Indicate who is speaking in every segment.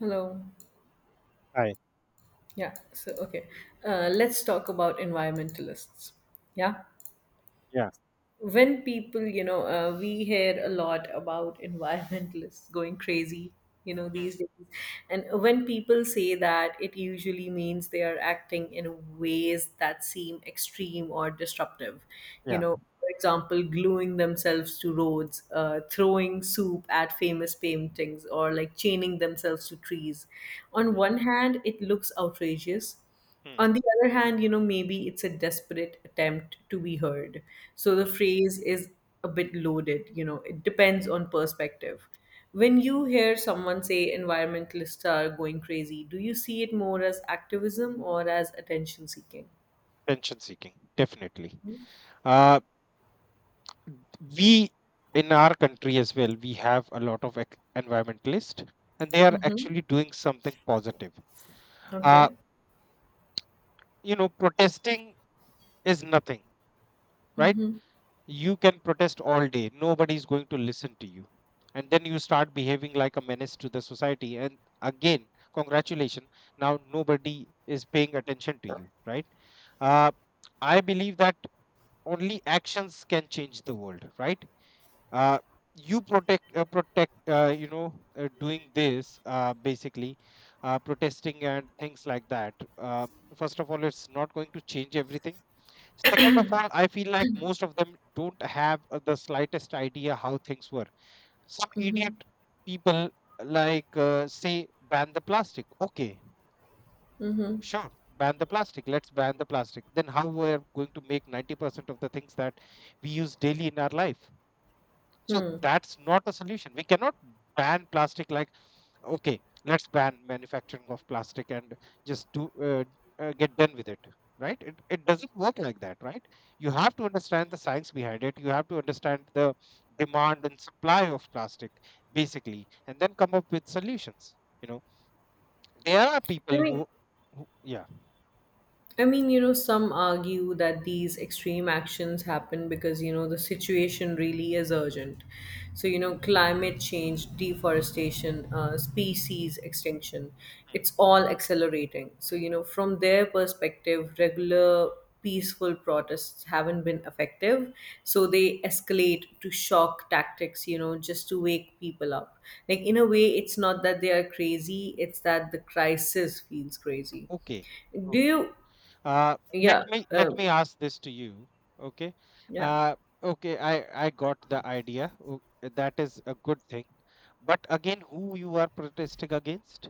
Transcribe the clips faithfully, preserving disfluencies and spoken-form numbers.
Speaker 1: Hello.
Speaker 2: Right.
Speaker 1: Yeah. So, okay. Uh, let's talk about environmentalists. Yeah.
Speaker 2: Yeah.
Speaker 1: when people you know uh, We hear a lot about environmentalists going crazy you know
Speaker 2: Mm.
Speaker 1: these days, and when people say that, it usually means they are acting in ways that seem extreme or disruptive. You
Speaker 2: Yeah.
Speaker 1: know for example, gluing themselves to roads, uh, throwing soup at famous paintings, or like chaining themselves to trees. On one hand, it looks outrageous.
Speaker 2: Mm.
Speaker 1: On the other hand, you know, maybe it's a desperate attempt to be heard. So the phrase is a bit loaded, you know, it depends on perspective. When you hear someone say environmentalists are going crazy, do you see it more as activism or as attention seeking?
Speaker 2: Attention seeking, definitely. Uh, we in our country as well, we have a lot of ec- environmentalists, and they are actually doing something positive. Uh,
Speaker 1: Okay.
Speaker 2: you know, protesting is nothing, right? You can protest all day, nobody is going to listen to you. And then you start behaving like a menace to the society. And again, congratulations, now nobody is paying attention to you, right? Uh, I believe that only actions can change the world, right? uh, you protect uh, protect, uh, you know, uh, doing this, uh, basically, uh, protesting and things like that. Uh, first of all, it's not going to change everything. Second of all, I feel like most of them don't have uh, the slightest idea how things were. Some
Speaker 1: Mm-hmm.
Speaker 2: idiot people, like, uh, say, ban the plastic, okay?
Speaker 1: Mm-hmm.
Speaker 2: Sure, ban the plastic. Let's ban the plastic. Then how we're going to make ninety percent of the things that we use daily in our life? So that's not a solution. We cannot ban plastic, like, okay, let's ban manufacturing of plastic and just do uh, uh, get done with it. Right? It, it doesn't work like that, right? You have to understand the science behind it. You have to understand the demand and supply of plastic, basically, and then come up with solutions. You know, there are people
Speaker 1: I
Speaker 2: who,
Speaker 1: mean,
Speaker 2: who yeah.
Speaker 1: I mean, you know, some argue that these extreme actions happen because, you know, the situation really is urgent. So, you know, climate change, deforestation, uh, species extinction, it's all accelerating. So, you know, from their perspective, regular peaceful protests haven't been effective. So they escalate to shock tactics, you know, just to wake people up. Like, in a way, it's not that they are crazy, it's that the crisis feels crazy
Speaker 2: Okay.
Speaker 1: do
Speaker 2: Okay.
Speaker 1: you
Speaker 2: Uh,
Speaker 1: Yeah,
Speaker 2: let me
Speaker 1: uh,
Speaker 2: let me ask this to you. Okay.
Speaker 1: yeah.
Speaker 2: Uh, okay. I I got the idea. o- That is a good thing. But again, who you are protesting against?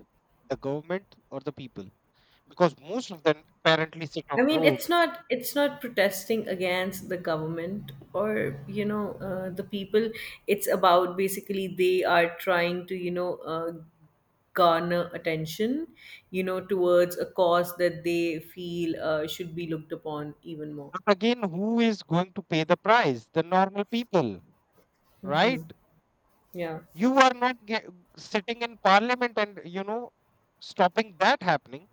Speaker 2: The government or the people? Because most of them apparently sit on
Speaker 1: I mean,
Speaker 2: road.
Speaker 1: it's not it's not protesting against the government or you know uh, the people. It's about, basically, they are trying to you know uh, garner attention, you know, towards a cause that they feel uh, should be looked upon even more.
Speaker 2: But again, who is going to pay the price? The normal people, right?
Speaker 1: Yeah,
Speaker 2: you are not ge- Sitting in parliament and, you know, stopping that happening,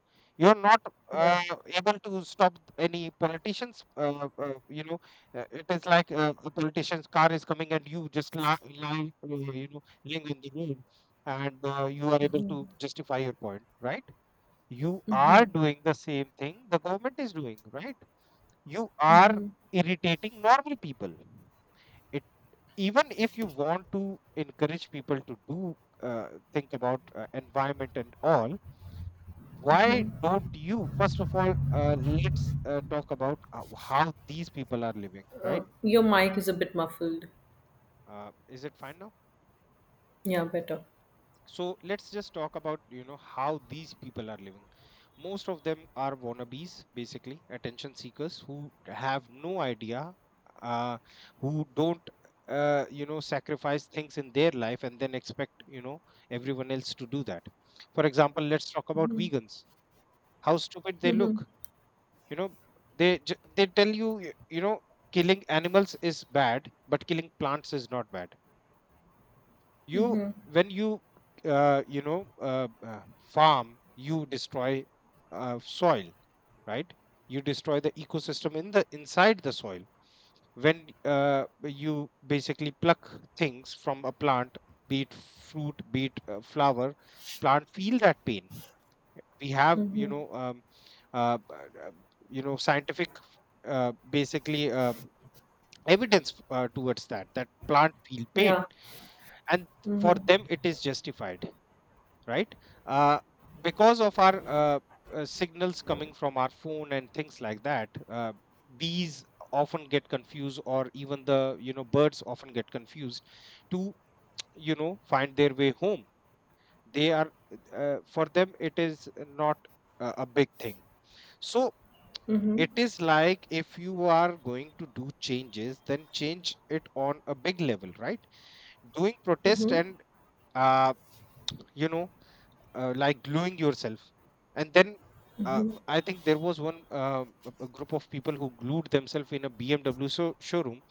Speaker 2: you're not
Speaker 1: yeah.
Speaker 2: uh, able to stop any politicians uh, uh, you know, uh, it is like, uh, a politician's car is coming and you just lie, lie uh, you know, lying on the road, and uh, you are able to justify your point, right? You are doing the same thing the government is doing, right? You are irritating normal people. Even if you want to encourage people to do, uh, think about uh, environment and all, why don't you first of all, uh, let's, uh, talk about uh, how these people are living, right?
Speaker 1: Uh, your mic is a bit muffled.
Speaker 2: Uh, is it fine now?
Speaker 1: Yeah, better.
Speaker 2: So let's just talk about, you know, how these people are living. Most of them are wannabes, basically attention seekers, who have no idea, uh, who don't uh, you know, sacrifice things in their life and then expect, you know, everyone else to do that. For example, let's talk about vegans, how stupid they look. You know, they ju- they tell you, y- you know, killing animals is bad but killing plants is not bad. You when you uh, you know, uh, uh, farm, you destroy uh, soil, right? You destroy the ecosystem in the inside the soil. When uh, you basically pluck things from a plant, be it fruit, be it uh, flower, plant feel that pain. We have, you know, um, uh, b- uh, you know, scientific, uh, basically, um, evidence uh, towards that, that plant feel pain.
Speaker 1: Yeah.
Speaker 2: And for them it is justified, right? uh, because of our uh, uh, signals coming from our phone and things like that, uh, bees often get confused, or even the, you know, birds often get confused to, you know, find their way home. They are, uh, for them it is not a, a big thing. So
Speaker 1: Mm-hmm.
Speaker 2: it is like, if you are going to do changes, then change it on a big level, right? Doing protest
Speaker 1: Mm-hmm.
Speaker 2: and, uh, you know, uh, like gluing yourself and then, uh, I think there was one, uh, a a group of people who glued themselves in a BMW so showroom,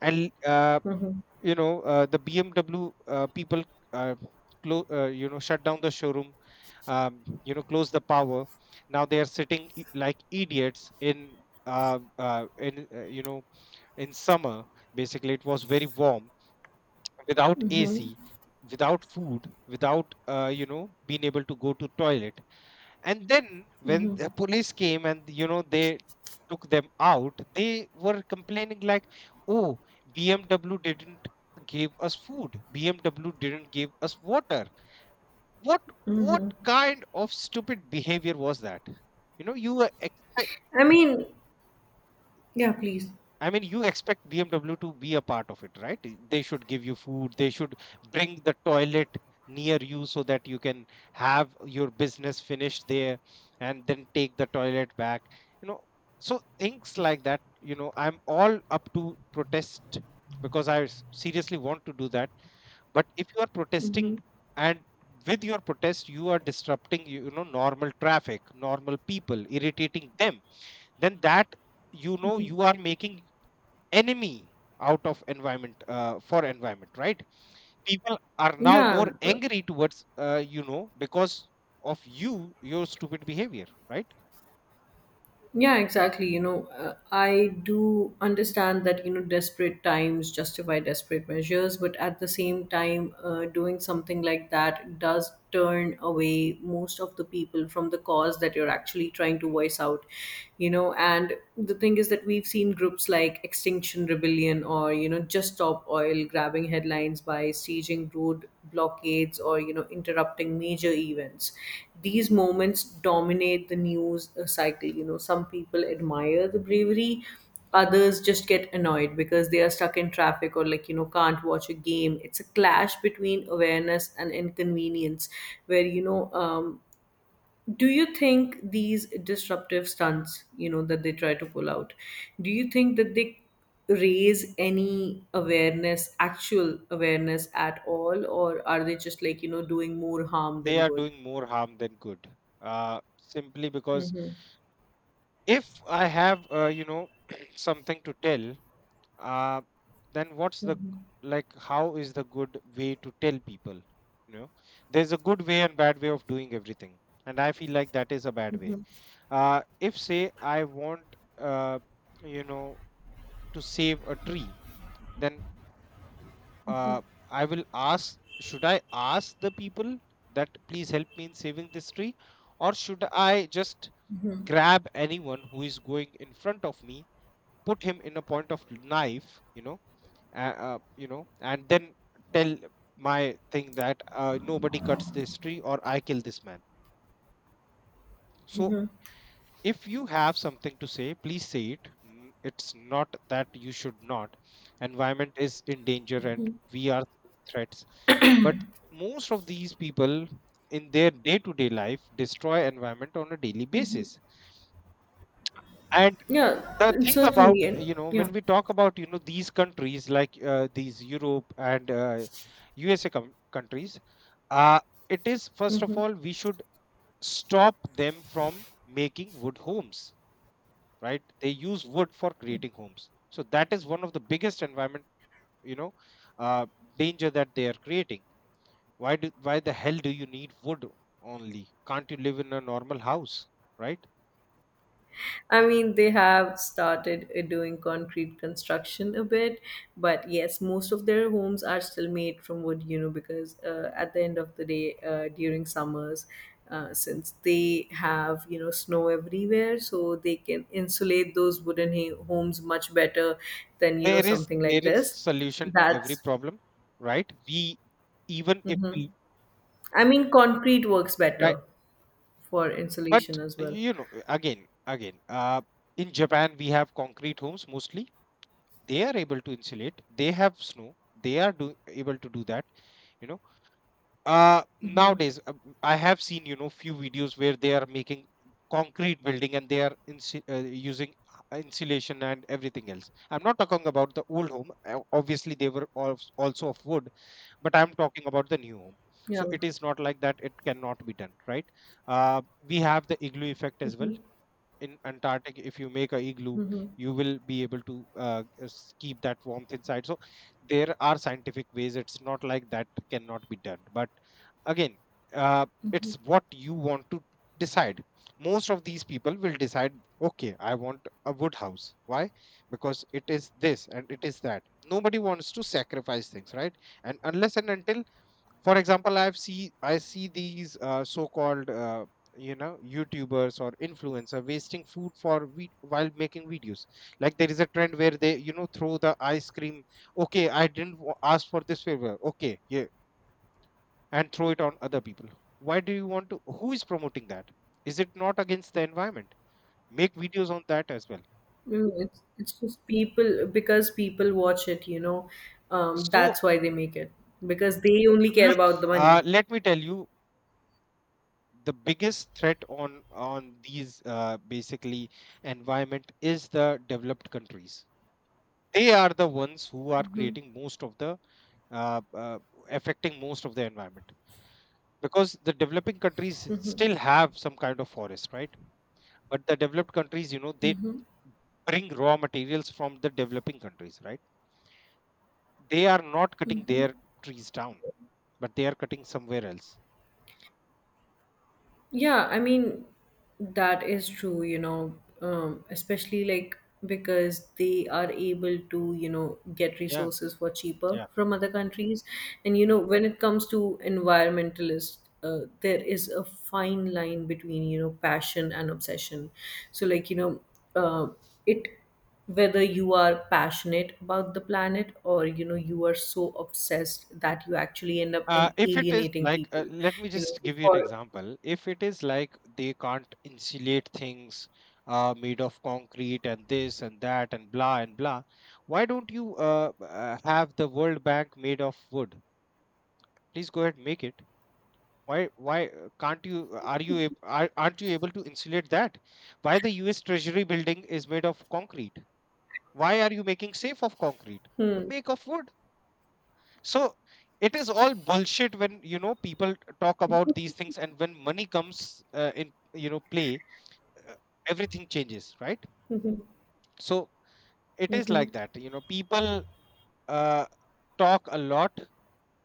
Speaker 2: and uh,
Speaker 1: Mm-hmm.
Speaker 2: you know, uh, the BMW uh, people, uh, clo- uh, you know, shut down the showroom, um, you know, close the power. Now they are sitting i- like idiots in, uh, uh, in, uh, you know, in summer, basically it was very warm, without AC, without food, without uh, you know, being able to go to toilet. And then when the police came and, you know, they took them out, they were complaining like, "Oh, B M W didn't give us food. B M W didn't give us water." What what kind of stupid behavior was that? You know, you were expect.
Speaker 1: I mean, yeah. Please.
Speaker 2: I mean, you expect B M W to be a part of it, right? I- They should give you food. They should bring the toilet near you so that you can have your business finished there, and then take the toilet back. You know, so things like that, you know, I'm all up to protest because I s- seriously want to do that. But if you are protesting
Speaker 1: Mm-hmm.
Speaker 2: and with your protest, you are disrupting, you know, normal traffic, normal people, irritating them, then that, you know, you are making enemy out of environment, uh, for environment, right? People are now
Speaker 1: Yeah.
Speaker 2: more angry towards, uh, you know, because of you, your stupid behavior, right?
Speaker 1: Yeah, exactly. You know, uh, I do understand that, you know, desperate times justify desperate measures, but at the same time, uh, doing something like that does turn away most of the people from the cause that you're actually trying to voice out, you know. And the thing is that we've seen groups like Extinction Rebellion or, you know, Just Stop Oil oil, grabbing headlines by sieging road blockades or you know interrupting major events. These moments dominate the news uh, cycle. You know, some people admire the bravery, others just get annoyed because they are stuck in traffic, or like, you know can't watch a game. It's a clash between awareness and inconvenience, where you know um, do you think these disruptive stunts, you know that they try to pull out, do you think that they raise any awareness, actual awareness at all, or are they just like, you know doing more harm
Speaker 2: They
Speaker 1: than
Speaker 2: are
Speaker 1: good?
Speaker 2: doing more harm than good, uh, simply because,
Speaker 1: Mm-hmm.
Speaker 2: if I have, uh, you know, something to tell, uh, then what's the g- like, how is the good way to tell people, you know? There's a good way and bad way of doing everything, and I feel like that is a bad way. Uh, if, say, I want, uh, you know, to save a tree, then, uh, I will ask, should I ask the people that, please help me in saving this tree? Or should I just grab anyone who is going in front of me, put him in a point of knife, you know, uh, uh, you know, and then tell my thing that, uh, nobody cuts this tree or I kill this man? So if you have something to say, please say it. N- it's not that you should not. Environment is in danger and we are seeing threats, but most of these people in their day to day life destroy environment on a daily basis. And
Speaker 1: Yeah,
Speaker 2: the
Speaker 1: and
Speaker 2: thing about,
Speaker 1: certainly, and
Speaker 2: you know,
Speaker 1: yeah.
Speaker 2: when we talk about, you know, these countries like, uh, these Europe and, uh, USA com- countries, uh, it is, first of all, we should stop them from making wood homes, right? They use wood for creating homes, so that is one of the biggest environment, you know, uh, danger that they are creating. Why do, why the hell do you need wood only? Can't you live in a normal house, right?
Speaker 1: I mean, they have started uh, doing concrete construction a bit, but yes, most of their homes are still made from wood, you know, because uh, at the end of the day, uh, during summers, uh, since they have, you know, snow everywhere, so they can insulate those wooden ha- homes much better than, you know,
Speaker 2: there is
Speaker 1: something
Speaker 2: there
Speaker 1: like
Speaker 2: is
Speaker 1: this.
Speaker 2: solution to every
Speaker 1: That's,
Speaker 2: problem, right? We, even if
Speaker 1: hmm.
Speaker 2: we,
Speaker 1: I mean, concrete works
Speaker 2: right?
Speaker 1: better for
Speaker 2: But
Speaker 1: insulation as well.
Speaker 2: you know, again, again uh, in Japan we have concrete homes mostly. They are able to insulate, they have snow, they are do, able to do that, you know. Uh
Speaker 1: Hmm.
Speaker 2: nowadays, uh, m- I have seen, you know, few videos where they are making concrete building and they are insu- uh, using uh, insulation and everything else. I'm not talking about the old home, uh, obviously they were al- also of wood, but I'm talking about the new home.
Speaker 1: Yeah.
Speaker 2: So it is not like that it cannot be done, right? Uh, we have the igloo effect as well. In antarctic, if you make a igloo,
Speaker 1: Hmm.
Speaker 2: you will be able to, uh, s- keep that warmth inside. So there are scientific ways, it's not like that cannot be done. But again, uh,
Speaker 1: Hmm.
Speaker 2: it's what you want to decide. Most of these people will decide, okay, I want a wood house. Why? Because it is this and it is that. Nobody wants to sacrifice things, right? And unless and until, for example, i've see I see these, uh, so called, uh, you know, YouTubers or influencer wasting food for vid- while making videos. Like there is a trend where they, you know, throw the ice cream. Okay, I didn't wa- ask for this favor, okay, yeah. And throw it on other people. Why do you want to? Who is promoting that? Is it not against the environment? Make videos on that as well.
Speaker 1: Mm, It's it's just people because people watch it, you know. Um,
Speaker 2: So
Speaker 1: that's why they make it, because they only care
Speaker 2: look,
Speaker 1: about the
Speaker 2: uh,
Speaker 1: money.
Speaker 2: let me tell you, the biggest threat on on these, uh, basically environment, is the developed countries. They are the ones who are creating most of the, uh, uh, affecting most of the environment, because the developing countries still have some kind of forest, right? But the developed countries, you know, they bring raw materials from the developing countries, right? They are not cutting their trees down, but they are cutting somewhere else.
Speaker 1: Yeah, I mean, that is true, you know, um, especially like because they are able to, you know, get
Speaker 2: Yeah,
Speaker 1: resources for cheaper
Speaker 2: yeah.
Speaker 1: from other countries. And, you know, when it comes to environmentalists, uh, there is a fine line between, you know, passion and obsession. So, like, you know, uh, it whether you are passionate about the planet, or you know, you are so obsessed that you actually end up
Speaker 2: Uh,
Speaker 1: al-
Speaker 2: if it is
Speaker 1: alienating
Speaker 2: like, uh,
Speaker 1: people,
Speaker 2: let me
Speaker 1: you know
Speaker 2: just
Speaker 1: so
Speaker 2: give you an
Speaker 1: for
Speaker 2: example. If it is like they can't insulate things uh, made of concrete and this and that and blah and blah, why don't you, uh, uh, have the World Bank made of wood? Please go ahead, and make it. Why, why uh, can't you? Are you ab- are, aren't you able to insulate that? Why the U S. Treasury building is made of concrete? Why are you making safe of concrete?
Speaker 1: hmm.
Speaker 2: Make of wood. So it is all bullshit when, you know, people t- talk about these things, and when money comes, uh, in, you know, play, uh, everything changes, right?
Speaker 1: Mhm.
Speaker 2: So it is
Speaker 1: Mhm.
Speaker 2: like that, you know, people, uh, talk a lot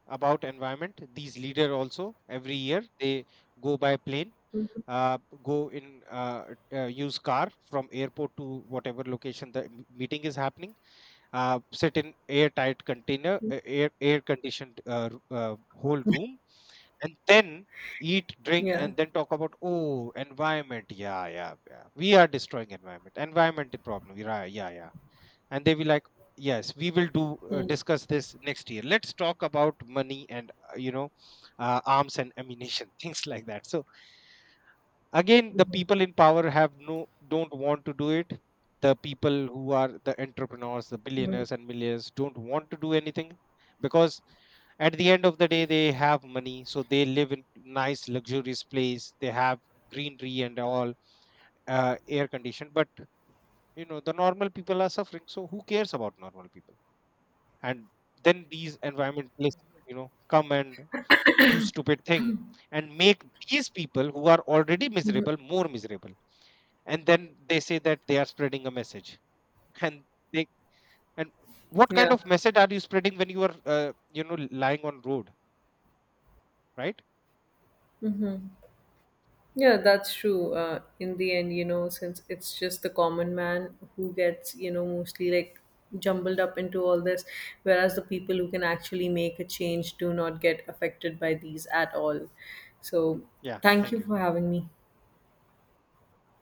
Speaker 2: about environment. These leader also every year, they go by plane,
Speaker 1: Mhm.
Speaker 2: uh, go in, uh, uh, use car from airport to whatever location the m- meeting is happening, uh, sit in airtight container, uh, air air conditioned uh, r- uh, whole room, and then eat, drink,
Speaker 1: Yeah.
Speaker 2: and then talk about, oh, environment. Yeah, yeah, yeah. We are destroying environment. Environment problem. Yeah, yeah, yeah. And they will like, yes, we will do, uh,
Speaker 1: Mhm.
Speaker 2: discuss this next year. Let's talk about money and, uh, you know, uh, arms and ammunition, things like that. So again, the
Speaker 1: Mhm.
Speaker 2: people in power have no, don't want to do it. The people who are the entrepreneurs, the
Speaker 1: Mhm.
Speaker 2: billionaires and millionaires, don't want to do anything, because at the end of the day they have money, so they live in nice luxurious place, they have greenery and all, uh, air conditioned. But you know, the normal people are suffering, so who cares about normal people? And then these environmentalists, you know, come and do stupid thing, and make these people who are already miserable more miserable. And then they say that they are spreading a message. And they, and what kind
Speaker 1: Yeah.
Speaker 2: of message are you spreading when you are, uh, you know, lying on road, right?
Speaker 1: Mhm. Yeah, that's true. Uh, in the end, you know, since it's just the common man who gets, you know, mostly like jumbled up into all this, whereas the people who can actually make a change do not get affected by these at all. So,
Speaker 2: Yeah,
Speaker 1: thank
Speaker 2: thank
Speaker 1: you for
Speaker 2: you.
Speaker 1: having me.